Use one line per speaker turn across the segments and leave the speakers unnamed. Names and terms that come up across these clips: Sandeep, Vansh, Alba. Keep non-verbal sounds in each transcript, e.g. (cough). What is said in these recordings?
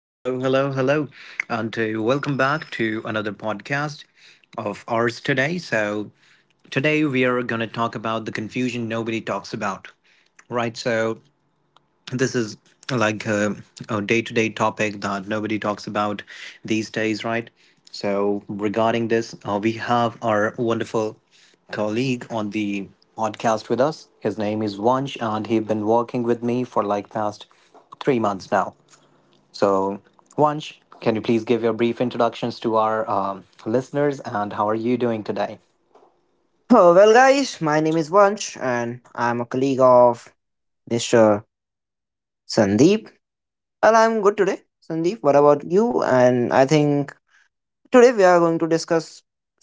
Hello, hello, hello, and welcome back to another podcast of ours today. Today we are going to talk about the confusion nobody talks about, right? So, this is like a day-to-day topic that nobody talks about these days, right? So, regarding this, we have our wonderful colleague on the podcast with us. His name is Vansh, and he's been working with me for like past 3 months now. So, Vansh, can you please give your brief introductions to our listeners and how are you doing today?
Oh, well, guys, my name is Vansh and I'm a colleague of Mr. Sandeep. Well, I'm good today. Sandeep, what about you? And I think today we are going to discuss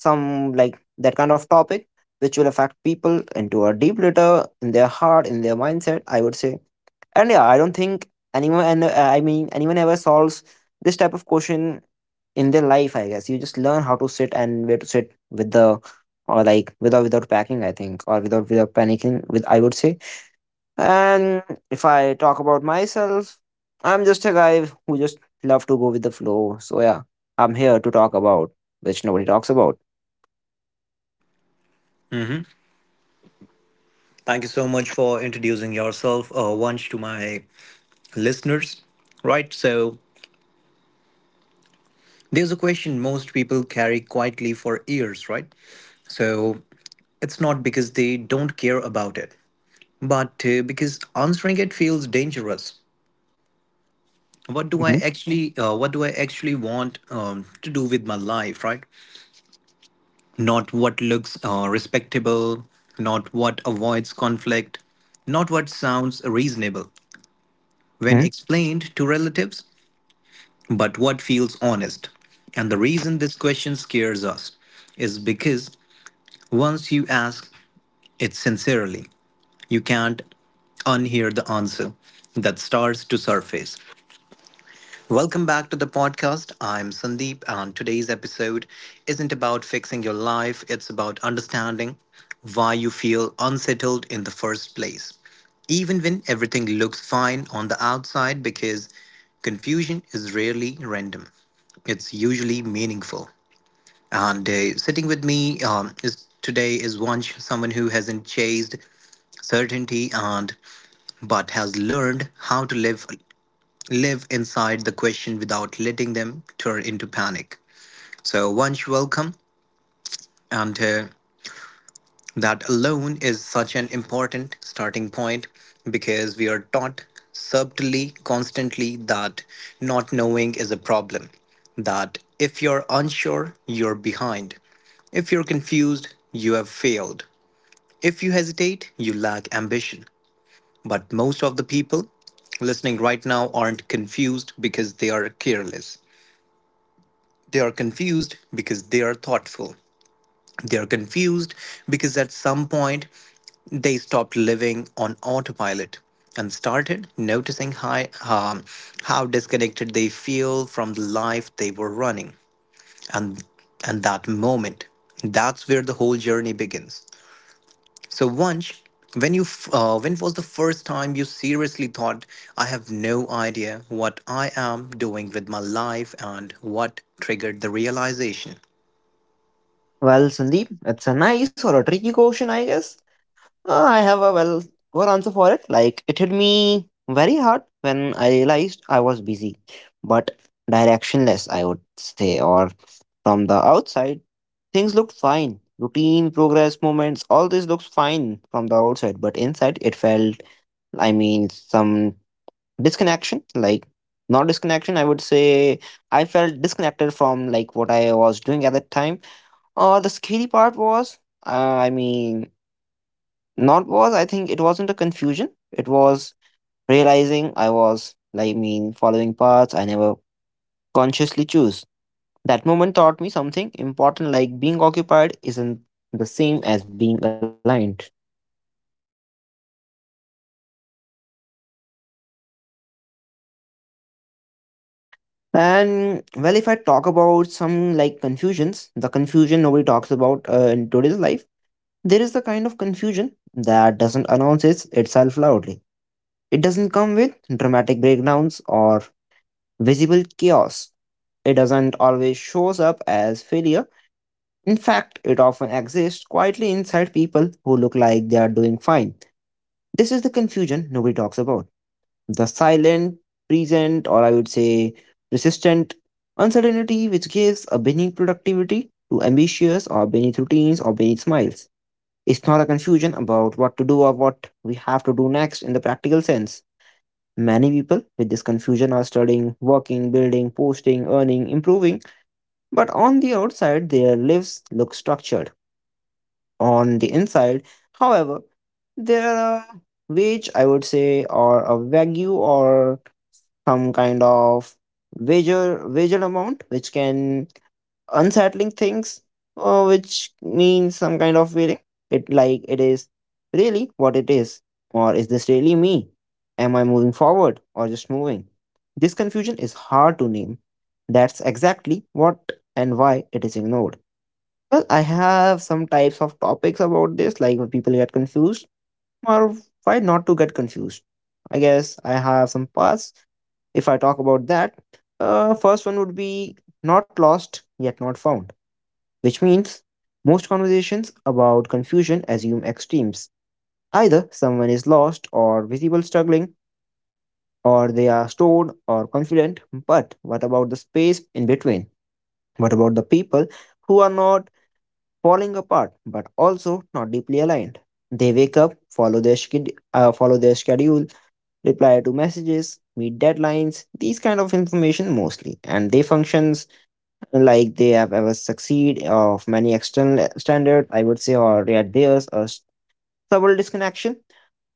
some like that kind of topic which will affect people into a deep litter in their heart, in their mindset, I would say. And yeah, I don't think anyone, and I mean, anyone ever solves this type of question in their life. I guess you just learn how to sit and where to sit with the, or like without packing. I think, or without panicking. With I would say. And if I talk about myself, I'm just a guy who just love to go with the flow. So yeah, I'm here to talk about which nobody talks about.
Thank you so much for introducing yourself, Vansh, to my listeners. Right, so there's a question most people carry quietly for years, right? So it's not because they don't care about it, but because answering it feels dangerous.
Hmm.
What do I actually want to do with my life, right? Not what looks respectable, not what avoids conflict, not what sounds reasonable
Hmm.
when explained to relatives, but what feels honest. And the reason this question scares us is because once you ask it sincerely, you can't unhear the answer that starts to surface. Welcome back to the podcast. I'm Sandeep, and today's episode isn't about fixing your life, it's about understanding why you feel unsettled in the first place, even when everything looks fine on the outside, because confusion is rarely random, it's usually meaningful. And sitting with me is today is one someone who hasn't chased certainty and but has learned how to live inside the question without letting them turn into panic. So, once welcome, and that alone is such an important starting point because we are taught subtly, constantly, that not knowing is a problem, that if you're unsure, you're behind. If you're confused, you have failed. If you hesitate, you lack ambition. But most of the people listening right now aren't confused because they are careless. They are confused because they are thoughtful. They are confused because at some point they stopped living on autopilot and started noticing how disconnected they feel from the life they were running. And, and that moment, that's where the whole journey begins. So, once when was the first time you seriously thought, I have no idea what I am doing with my life, and what triggered the realization?
Well, Sandeep, it's a nice or a tricky question, I guess. I have a well good answer for it. Like it hit me very hard when I realized I was busy, but directionless, I would say, or from the outside, things looked fine. Routine, progress, moments, all this looks fine from the outside, but inside it felt, I mean, some disconnection, like not disconnection, I would say I felt disconnected from like what I was doing at that time. Or the scary part was, uh, I mean, not was I think it wasn't a confusion. It was realizing I was like mean following paths I never consciously choose. That moment taught me something important like being occupied isn't the same as being aligned. And well, if I talk about some like confusions, the confusion nobody talks about in today's life, there is the kind of confusion that doesn't announce itself loudly. It doesn't come with dramatic breakdowns or visible chaos. It doesn't always shows up as failure. In fact, it often exists quietly inside people who look like they are doing fine. This is the confusion nobody talks about. The silent, present, or I would say persistent uncertainty which gives a beneath productivity to ambitious or beneath routines or beneath smiles. It's not a confusion about what to do or what we have to do next in the practical sense. Many people with this confusion are studying, working, building, posting, earning, improving, but on the outside, their lives look structured. On the inside, however, there are wage, I would say, or a value or some kind of wager amount which can unsettling things, which means some kind of feeling. It like it is really what it is, or is this really me? Am I moving forward or just moving? This confusion is hard to name. That's exactly what and why it is ignored. Well, I have some types of topics about this, like when people get confused, or why not to get confused. I guess I have some paths if I talk about that, first one would be not lost yet not found which means most conversations about confusion assume extremes. Either someone is lost or visible struggling, or they are stored or confident. But what about the space in between? What about the people who are not falling apart but also not deeply aligned? They wake up, follow their schedule, reply to messages, meet deadlines, these kind of information mostly, and they functions like they have ever succeed of many external standard, I would say, or yeah, subtle disconnection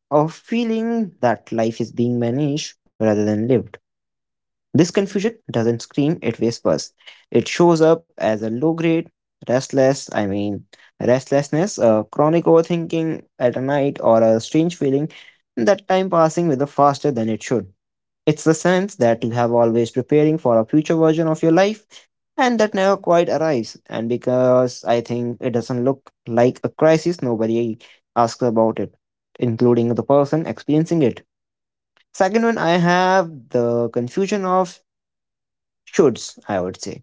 of feeling that life is being managed rather than lived. This confusion doesn't scream, it whispers. It shows up as a low grade restless i mean restlessness, a chronic overthinking at a night or a strange feeling that time passing with a faster than it should. It's the sense that you have always preparing for a future version of your life and that never quite arrives. And because I think it doesn't look like a crisis, nobody asks about it, including the person experiencing it. Second one, I have the confusion of shoulds, I would say.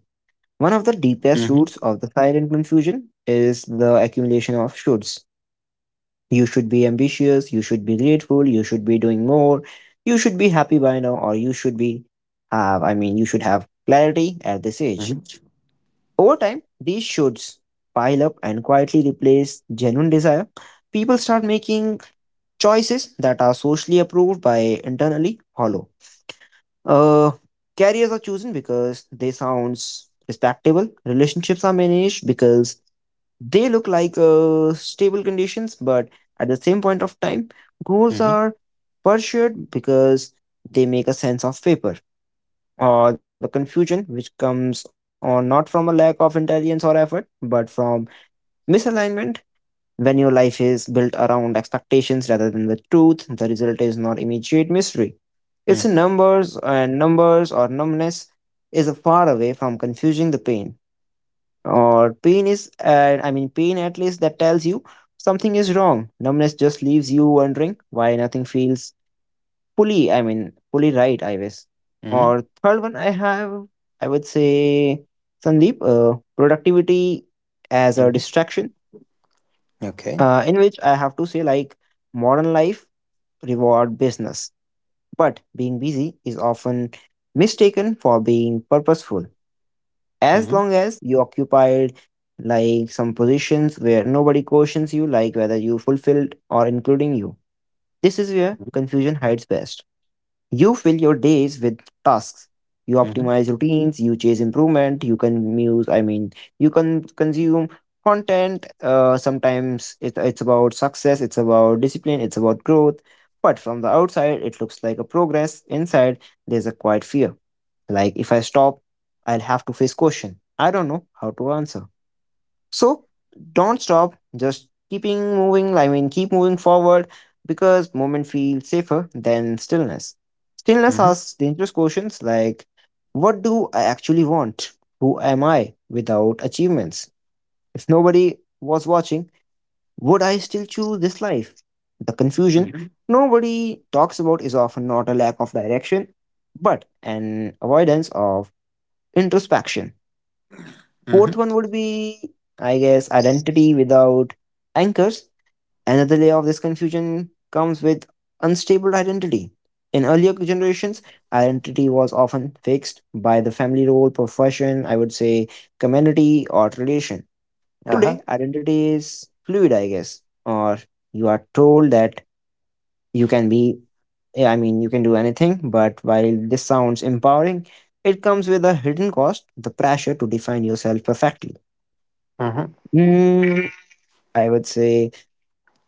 One of the deepest roots of the silent confusion is the accumulation of shoulds. You should be ambitious, you should be grateful, you should be doing more, you should be happy by now, or you should be have, I mean, you should have clarity at this age. Over time, these shoulds pile up and quietly replace genuine desire. People start making choices that are socially approved by internally hollow. Uh, Careers are chosen because they sounds respectable. Relationships are managed because they look like stable conditions, but at the same point of time, goals
Mhm,
are pursued because they make a sense of paper or the confusion which comes on not from a lack of intelligence or effort, but from misalignment. When your life is built around expectations rather than the truth, the result is not immediate mystery. It's
mhm,
numbers and numbers or numbness. Is far away from confusing the pain, or pain is, I mean, pain at least that tells you something is wrong. Numbness just leaves you wondering why nothing feels fully right, I guess.
mhm,
Or third one I have, I would say, Sandeep, productivity as a
mhm.
distraction,
Okay.
in which I have to say like modern life reward business, but being busy is often mistaken for being purposeful. As
Mhm,
long as you occupied like some positions where nobody questions you like whether you fulfilled or including you, this is where
mhm,
confusion hides best. You fill your days with tasks. You
mhm,
optimize routines, you chase improvement, I mean, you can consume content. Sometimes it's about success, it's about discipline, it's about growth. But from the outside, it looks like a progress. Inside, there's a quiet fear. Like if I stop, I'll have to face question. I don't know how to answer. So don't stop, just keeping moving. I mean, keep moving forward because movement feels safer than stillness. Stillness asks dangerous questions like what do I actually want? Who am I without achievements? If nobody was watching, would I still choose this life? The confusion
mhm,
nobody talks about is often not a lack of direction, but an avoidance of introspection.
mhm.
Fourth one would be, I guess, identity without anchors. Another layer of this confusion comes with unstable identity. In earlier generations, identity was often fixed by the family role, profession, I would say, community, or relation.
Uh huh.
Today, identity is fluid, I guess, or you are told that you can be, yeah, I mean, you can do anything, but while this sounds empowering, it comes with a hidden cost the pressure to define yourself perfectly.
Mhm,
Mm, I would say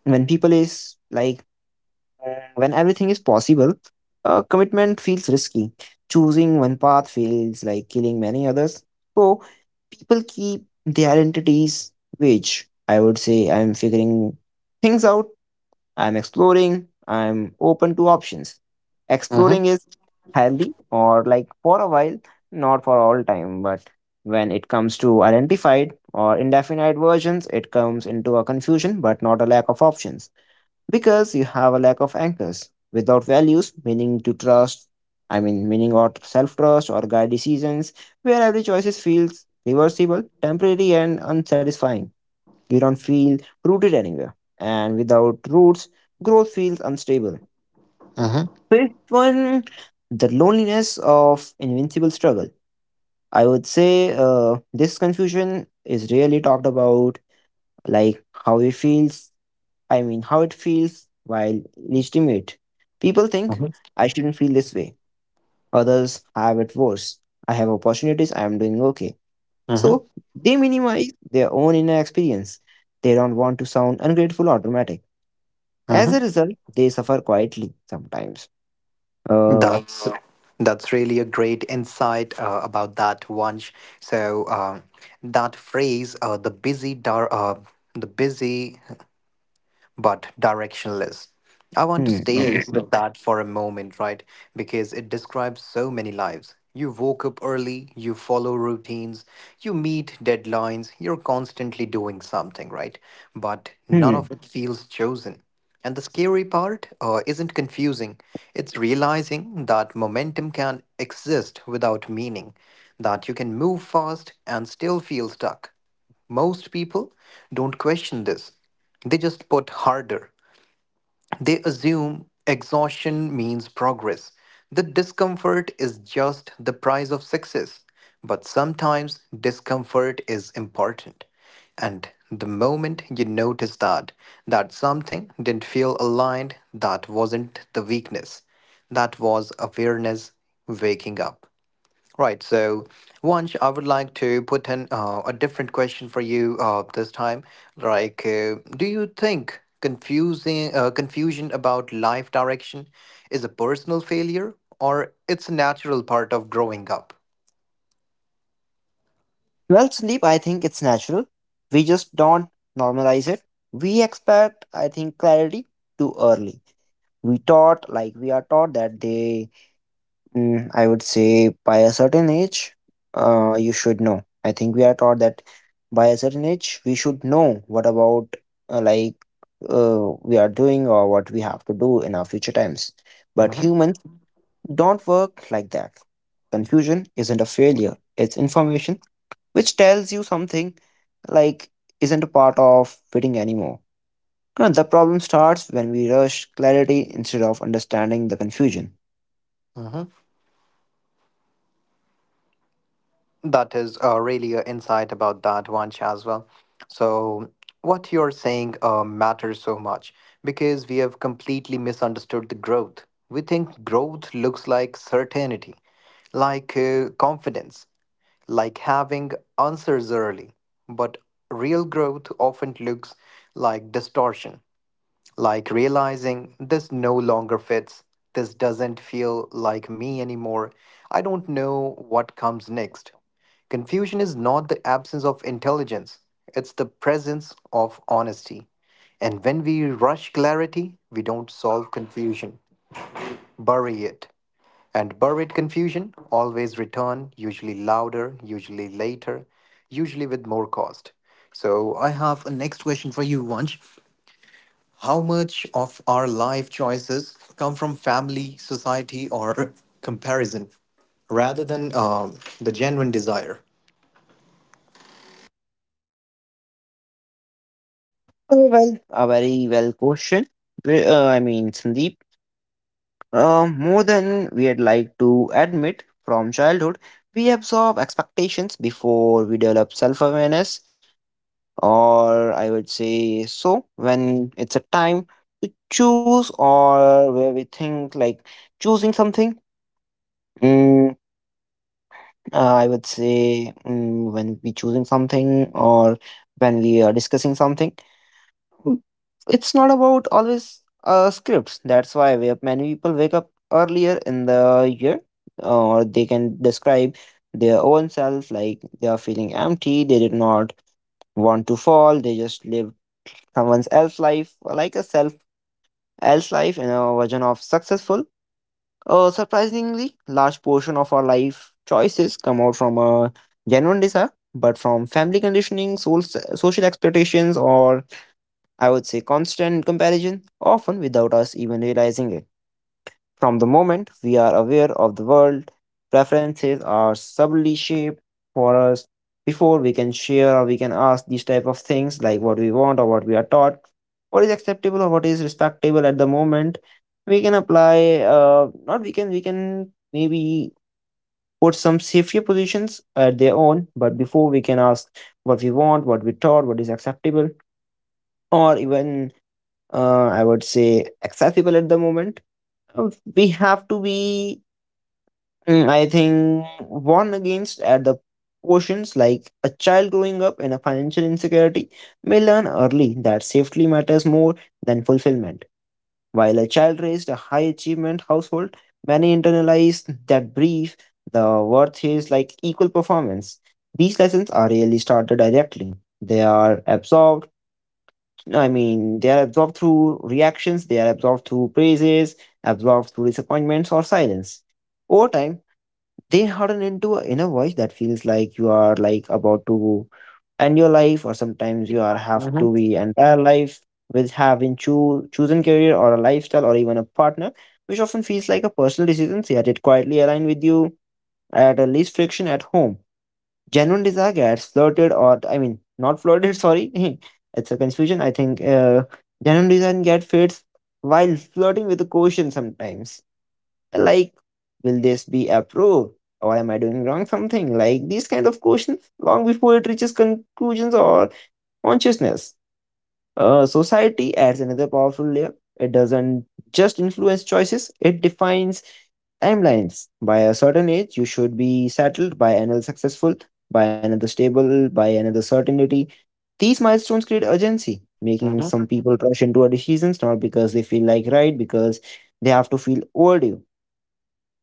when people is like when everything is possible, commitment feels risky. Choosing one path feels like killing many others. So people keep their identities vague. I would say I'm figuring things out. I'm exploring. I'm open to options.
mhm,
Exploring is healthy or like for a while, not for all time. But when it comes to identified or indefinite versions, it comes into a confusion but not a lack of options because you have a lack of anchors without values, meaning to trust. I mean, meaning or self trust or guide decisions where every choice feels reversible, temporary, and unsatisfying. You don't feel rooted anywhere, and without roots, growth feels unstable.
mhm,
Fifth one, the loneliness of invincible struggle, I would say. uh, this confusion is really talked about like how it feels, how it feels, while legitimate people think
mhm,
I shouldn't feel this way, others have it worse, I have opportunities, I am doing okay. So
mhm,
they minimize their own inner experience. They don't want to sound ungrateful or dramatic. As a
mhm.
result, they suffer quietly sometimes uh
That's that's really a great insight about that one. So um, that phrase, the busy, but directionless. I want to
hmm.
stay, Hmm,
Obviously.
with that for a moment, right? Because it describes so many lives. You woke up early, you follow routines, you meet deadlines, you're constantly doing something, right? But none
Hmm.
of it feels chosen. And the scary part isn't confusing, it's realizing that momentum can exist without meaning, that you can move fast and still feel stuck. Most people don't question this, they just put harder. They assume exhaustion means progress. The discomfort is just the price of success. But sometimes discomfort is important. And the moment you notice that, that something didn't feel aligned, that wasn't the weakness. That was awareness waking up. Right. So, Vansh, I would like to put an a different question for you this time. Like, do you think confusing confusion about life direction is a personal failure or it's a natural part of growing up?
Well, sleep, I think it's natural. We just don't normalize it. We expect, I think, clarity too early. We are taught that they, mm, I would say, by a certain age, you should know. I think we are taught that by a certain age, we should know what about, uh, like, we are doing or what we have to do in our future times. But humans don't work like that. Confusion isn't a failure, it's information which tells you something like isn't a part of fitting anymore. Now, the problem starts when we rush clarity instead of understanding the confusion.
Mm-hmm. That is really an insight about that, Vansh, as well. So, what you're saying matters so much because we have completely misunderstood the growth. We think growth looks like certainty, like confidence, like having answers early. But real growth often looks like distortion. Like realizing this no longer fits, this doesn't feel like me anymore, I don't know what comes next. Confusion is not the absence of intelligence, it's the presence of honesty. And when we rush clarity, we don't solve confusion, bury it. And buried confusion always return, usually louder, usually later, usually with more cost. So I have a next question for you, Vansh. How much of our life choices come from family, society, or (laughs) comparison rather than the genuine desire?
Oh, well, a very well question. I mean, Sandeep, more than we'd like to admit from childhood, we absorb expectations before we develop self awareness, or I would say so, when it's a time to choose or where we think like choosing something mm, I would say mm, when we choosing something or when we are discussing something, Mm. it's not about always scripts. That's why we have many people wake up earlier in the year, or they can describe their own self like they are feeling empty. They did not want to fall. They just lived someone else's life, like a self else life, in a version of successful. Surprisingly, large portion of our life choices come out from a genuine desire, but from family conditioning, soul, social expectations, or I would say constant comparison, often without us even realizing it. From the moment we are aware of the world, preferences are subtly shaped for us. Before we can share or we can ask these type of things like what we want or what we are taught, what is acceptable or what is respectable at the moment, we can apply not we can we can maybe put some safety positions at their own, but before we can ask what we want, what we taught, what is acceptable, or even I would say accessible at the moment. uh, We have to be I think warn against at the portions like a child growing up in a financial insecurity may learn early that safety matters more than fulfillment. While a child raised a high achievement household, many internalize that brief the worth is like equal performance. These lessons are really started directly. They are absorbed, I mean, they are absorbed through reactions, they are absorbed through praises, absorbed through disappointments or silence. Over time, they harden into a inner voice that feels like you are like about to end your life or sometimes you are have to
Mhm,
be entire life with having chosen career or a lifestyle or even a partner which often feels like a personal decision yet it quietly align with you at a least friction at home. Genuine desire gets flirted or I mean not flirted (laughs) sorry (laughs) it's a confusion I think genuine desire get fits while flirting with a quotient sometimes, like, will this be approved or am I doing wrong something, like these kind of questions long before it reaches conclusions or consciousness. Society adds another powerful layer. It doesn't just influence choices, it defines timelines. By a certain age you should be settled, by another successful, by another stable, by another certainty. These milestones create urgency, making some
mhm,
people rush into our decisions not because they feel like right, because they have to feel overdue.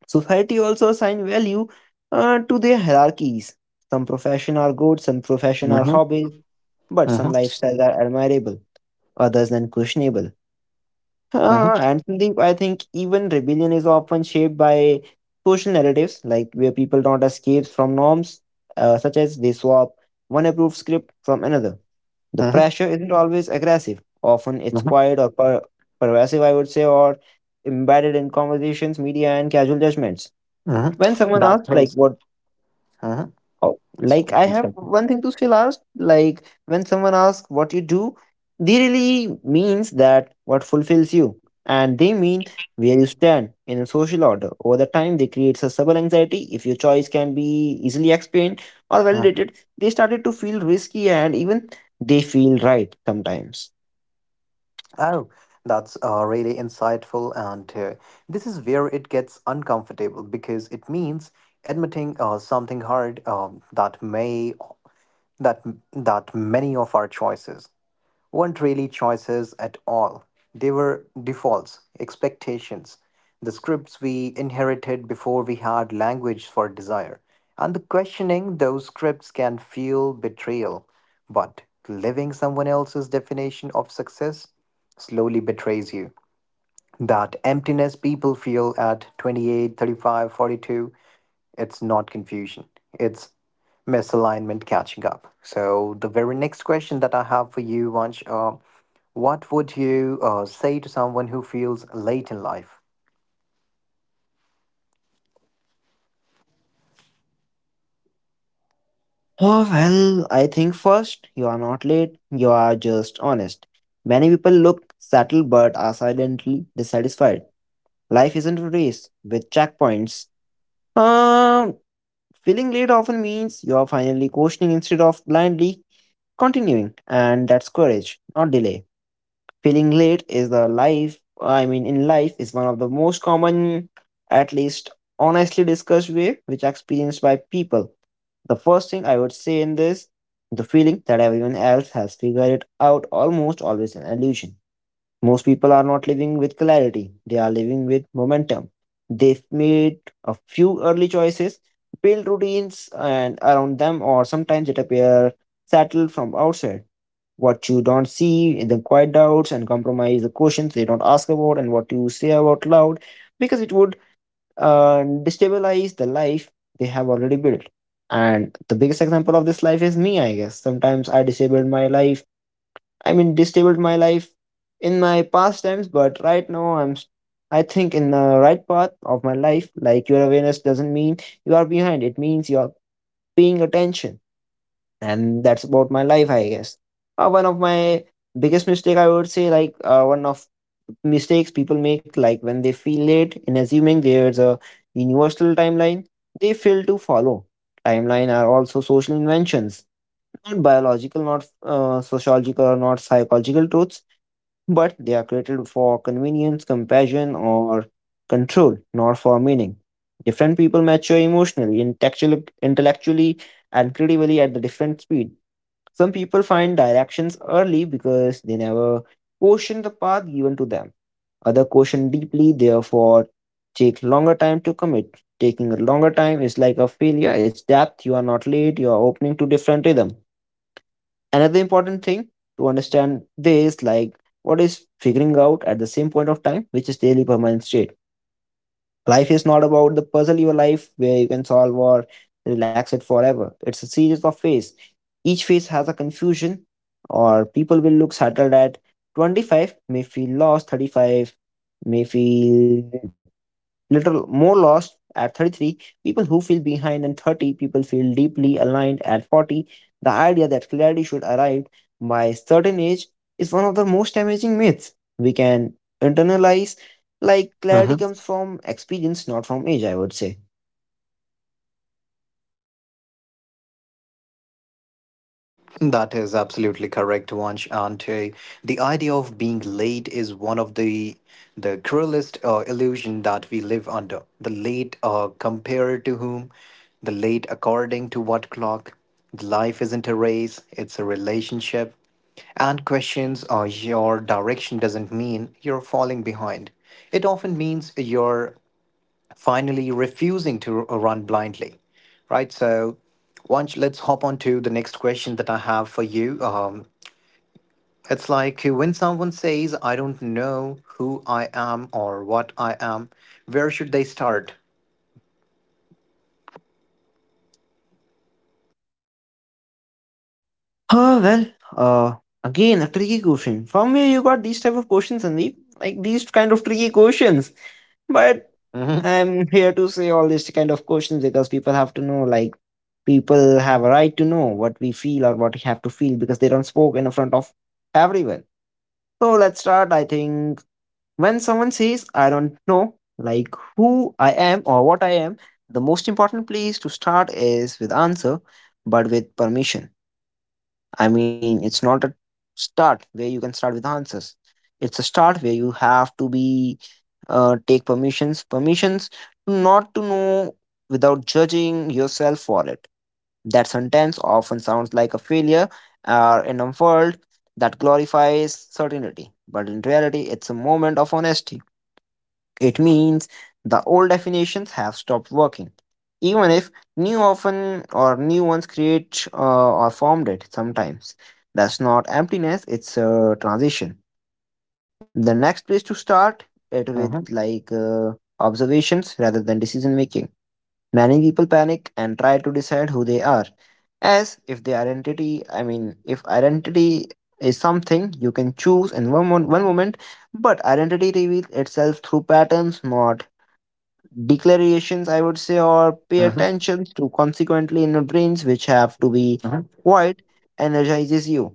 Society also assign value to their hierarchies. Some profession are good, some profession are
mhm,
hobbies, but some
mhm,
lifestyles are admirable, others then questionable.
mhm,
And Sandeep, I think even rebellion is often shaped by social narratives, like where people don't escape from norms, such as they swap one approved script from another. The
mhm,
pressure isn't always aggressive. Often it's
mhm,
quiet or pervasive, I would say, or embedded in conversations, media, and casual judgments
mhm.
when someone
That
asks like
is.
what.
Mhm.
Oh,
It's-
like I have one thing to say last. Like when someone asks what you do, they really means that what fulfills you and they mean where you stand in a social order. Over the time they create sustainable anxiety. If your choice can be easily explained or
Mhm.
validated, they started to feel risky, and even they feel right sometimes.
Oh, that's really insightful. And this is where it gets uncomfortable because it means admitting something hard that may that that many of our choices weren't really choices at all. They were defaults, expectations, the scripts we inherited before we had language for desire. And the questioning those scripts can feel betrayal. But living someone else's definition of success slowly betrays you. That emptiness people feel at 28, 35, 42, it's not confusion, it's misalignment catching up. So the very next question that I have for you, Vansh, what would you say to someone who feels late in life?
Oh well, I think first you are not late, you are just honest. Many people look settled but are silently dissatisfied. Life isn't a race with checkpoints. Um, Feeling late often means you are finally questioning instead of blindly continuing, and that's courage, not delay. Feeling late is the life, I mean, in life, is one of the most common, at least honestly discussed way, which experienced by people. The first thing I would say in this, the feeling that everyone else has figured it out almost always an illusion. Most people are not living with clarity, they are living with momentum. They've made a few early choices, built routines and around them, or sometimes it appears settled from outside. What you don't see in the quiet doubts and compromise, the questions they don't ask about, and what you say about loud, because it would uh, destabilize the life they have already built. And the biggest example of this life is me, I guess. Sometimes I disabled my life, I mean, disabled my life in my past times, but right now I'm, I think, in the right path of my life. Like, your awareness doesn't mean you are behind, it means you are paying attention. And that's about my life, I guess. One of my biggest mistake, I would say, like, one of mistakes people make, like when they feel late in assuming there's a universal timeline, they fail to follow. Timeline are also social inventions, not biological, not sociological, or not psychological truths, but they are created for convenience, compassion, or control, not for meaning. Different people mature emotionally, intellectually and creatively at the different speed. Some people find directions early because they never question the path given to them. Other question deeply, therefore take longer time to commit. Taking a longer time is like a failure. It's depth. You are not late. You are opening to different rhythm. Another important thing to understand this, like what is figuring out at the same point of time, which is daily permanent state. Life is not about the puzzle your life where you can solve or relax it forever. It's a series of phases. Each phase has a confusion, or people will look settled at 25, may feel lost, 35, may feel little more lost at 33, people who feel behind and 30 people feel deeply aligned at 40. The idea that clarity should arrive by a certain age is one of the most damaging myths we can internalize. Like clarity comes from experience, not from age, I would say.
That is absolutely correct, Vansh. And the idea of being late is one of the cruelest illusion that we live under. The late compared to whom? The late according to what clock? Life isn't a race; it's a relationship. And questions or your direction doesn't mean you're falling behind. It often means you're finally refusing to run blindly, right? So, once let's hop on to the next question that I have for you. It's like when someone says, "I don't know who I am or what I am," where should they start?
Oh well, uh again, a tricky question. From where you got these type of questions, Sandeep, like these kind of tricky questions. But
Mm-hmm,
I'm here to say all these kind of questions because people have to know, like, people have a right to know what we feel or what we have to feel because they don't spoke in front of everyone. So let's start. I think when someone says, I don't know, like who I am or what I am, the most important place to start is with answer, but with permission. I mean, it's not a start where you can start with answers. It's a start where you have to be take permissions, permissions not to know without judging yourself for it. That sentence often sounds like a failure in a world that glorifies certainty, but in reality, it's a moment of honesty. It means the old definitions have stopped working, even if new often or new ones create or formed it sometimes. That's not emptiness, it's a transition. The next place to start it with
hmm,
like observations rather than decision making. Many people panic and try to decide who they are as if the identity, I mean, if identity is something you can choose in one moment, but identity reveals itself through patterns, not declarations, I would say, or pay
hmm,
attention to consequently in your brains, which have to be
hmm,
quiet, energizes you.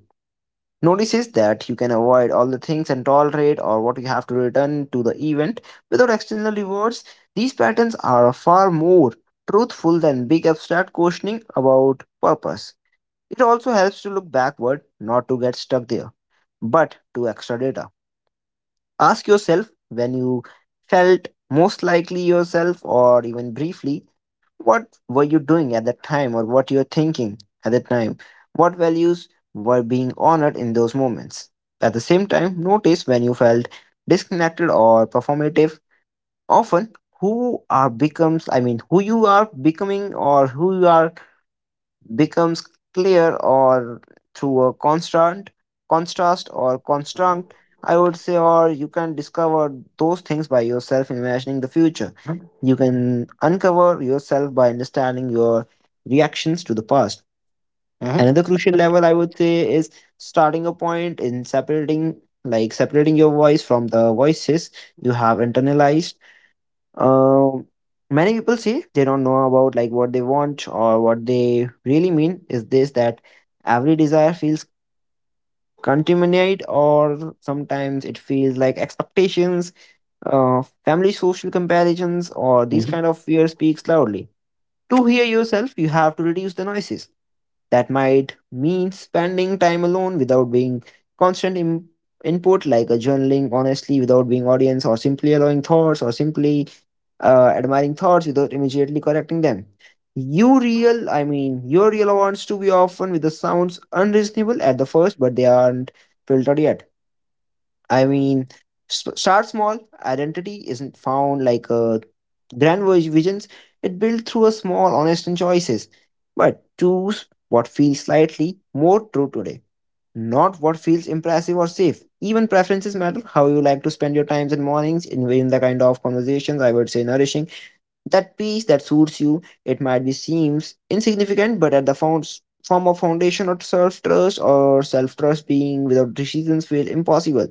Notices that you can avoid all the things and tolerate or what you have to return to the event without external rewards. These patterns are far more truthful than big abstract questioning about purpose. It also helps to look backward, not to get stuck there, but to extra data. Ask yourself when you felt most likely yourself or even briefly, what were you doing at that time or what you were thinking at that time, what values were being honored in those moments. At the same time notice when you felt disconnected or performative, often who are becomes I mean who you are becoming or who you are becomes clear or through a constant contrast or construct, I would say, or you can discover those things by yourself. Imagining the future, you can uncover yourself by understanding your reactions to the past. Another
hmm,
crucial level, I would say, is starting a point in separating, like separating your voice from the voices you have internalized. um, Many people say they don't know about like what they want or what they really mean is this that every desire feels contaminated or sometimes it feels like expectations, family social comparisons, or these
hmm,
kind of fear speaks loudly. To hear yourself, you have to reduce the noises. That might mean spending time alone without being constant input, like a journaling honestly without being audience, or simply allowing thoughts, or simply admiring thoughts without immediately correcting them. You real, I mean, your real wants to be often with the sounds unreasonable at the first, but they aren't filtered yet. I mean, start small. Identity isn't found like a grand visions. It built through a small, honest and choices. But choose what feels slightly more true today, not what feels impressive or safe. Even preferences matter. How you like to spend your times and mornings in the kind of conversations I would say nourishing. That piece that suits you, it might be seems insignificant, but at the founds form of foundation of self-trust or self-trust being without decisions feel impossible.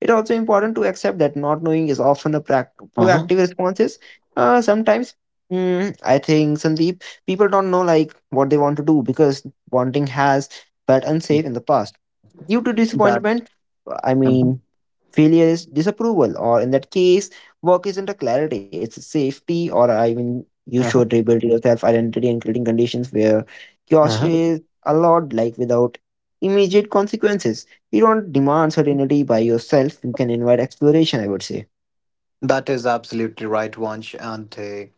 It's also important to accept that not knowing is often a
hmm,
proactive responses. Sometimes, I think Sandeep, people don't know like what they want to do because wanting has felt unsafe in the past due to
That.
disappointment. I
Mm-hmm,
mean, failure is disapproval, or in that case, work isn't a clarity, it's a safety, or I mean, you should rebuild your self identity and creating conditions where curiosity
mm-hmm.
is allowed, like without immediate consequences. You don't demand certainty by yourself, you can invite exploration, I would say.
That is absolutely right, Vansh. And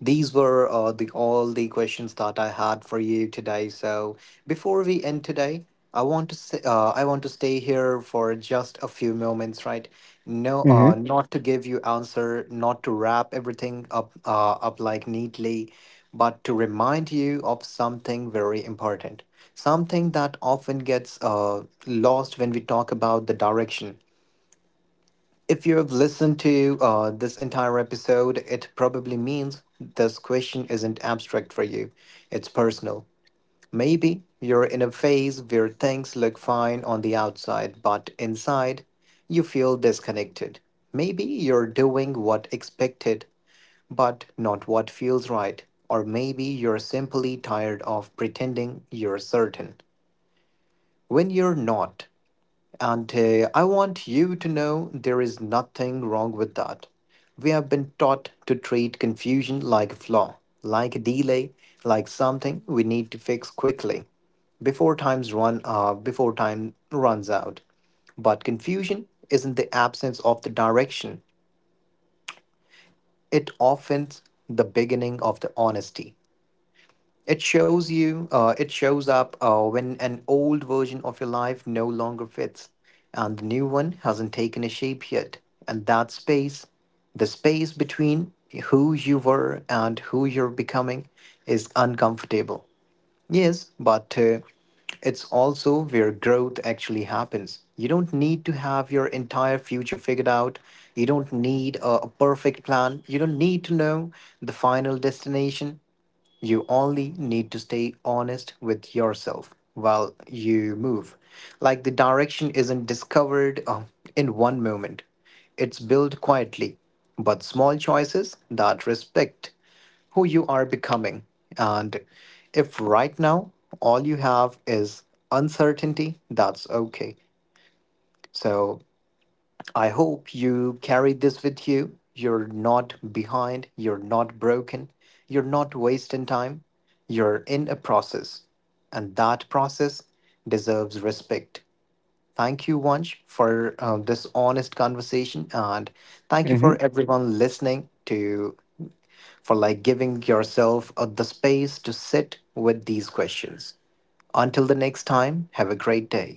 these were the all the questions that I had for you today. So before we end today, I want to say, I want to stay here for just a few moments, right? No,
Mm-hmm.
not to give you answer, not to wrap everything up like neatly, but to remind you of something very important, something that often gets lost when we talk about the direction. If you have listened to this entire episode, it probably means this question isn't abstract for you. It's personal. Maybe you're in a phase where things look fine on the outside, but inside, you feel disconnected. Maybe you're doing what expected, but not what feels right. Or maybe you're simply tired of pretending you're certain when you're not. And I want you to know there is nothing wrong with that. We have been taught to treat confusion like a flaw, like a delay, like something we need to fix quickly before time runs out. But confusion isn't the absence of the direction. It often the beginning of the honesty. It shows you, it shows up when an old version of your life no longer fits and the new one hasn't taken a shape yet. And that space, the space between who you were and who you're becoming, is uncomfortable. Yes, but it's also where growth actually happens. You don't need to have your entire future figured out. You don't need a perfect plan. You don't need to know the final destination. You only need to stay honest with yourself while you move. Like the direction isn't discovered in one moment, it's built quietly, but small choices that respect who you are becoming. And if right now all you have is uncertainty, that's okay. So I hope you carry this with you. You're not behind, you're not broken, you're not wasting time. You're in a process, and that process deserves respect. Thank you, Vansh, for this honest conversation, and thank you for
Mm-hmm.
everyone listening to for like giving yourself the space to sit with these questions. Until the next time, have a great day.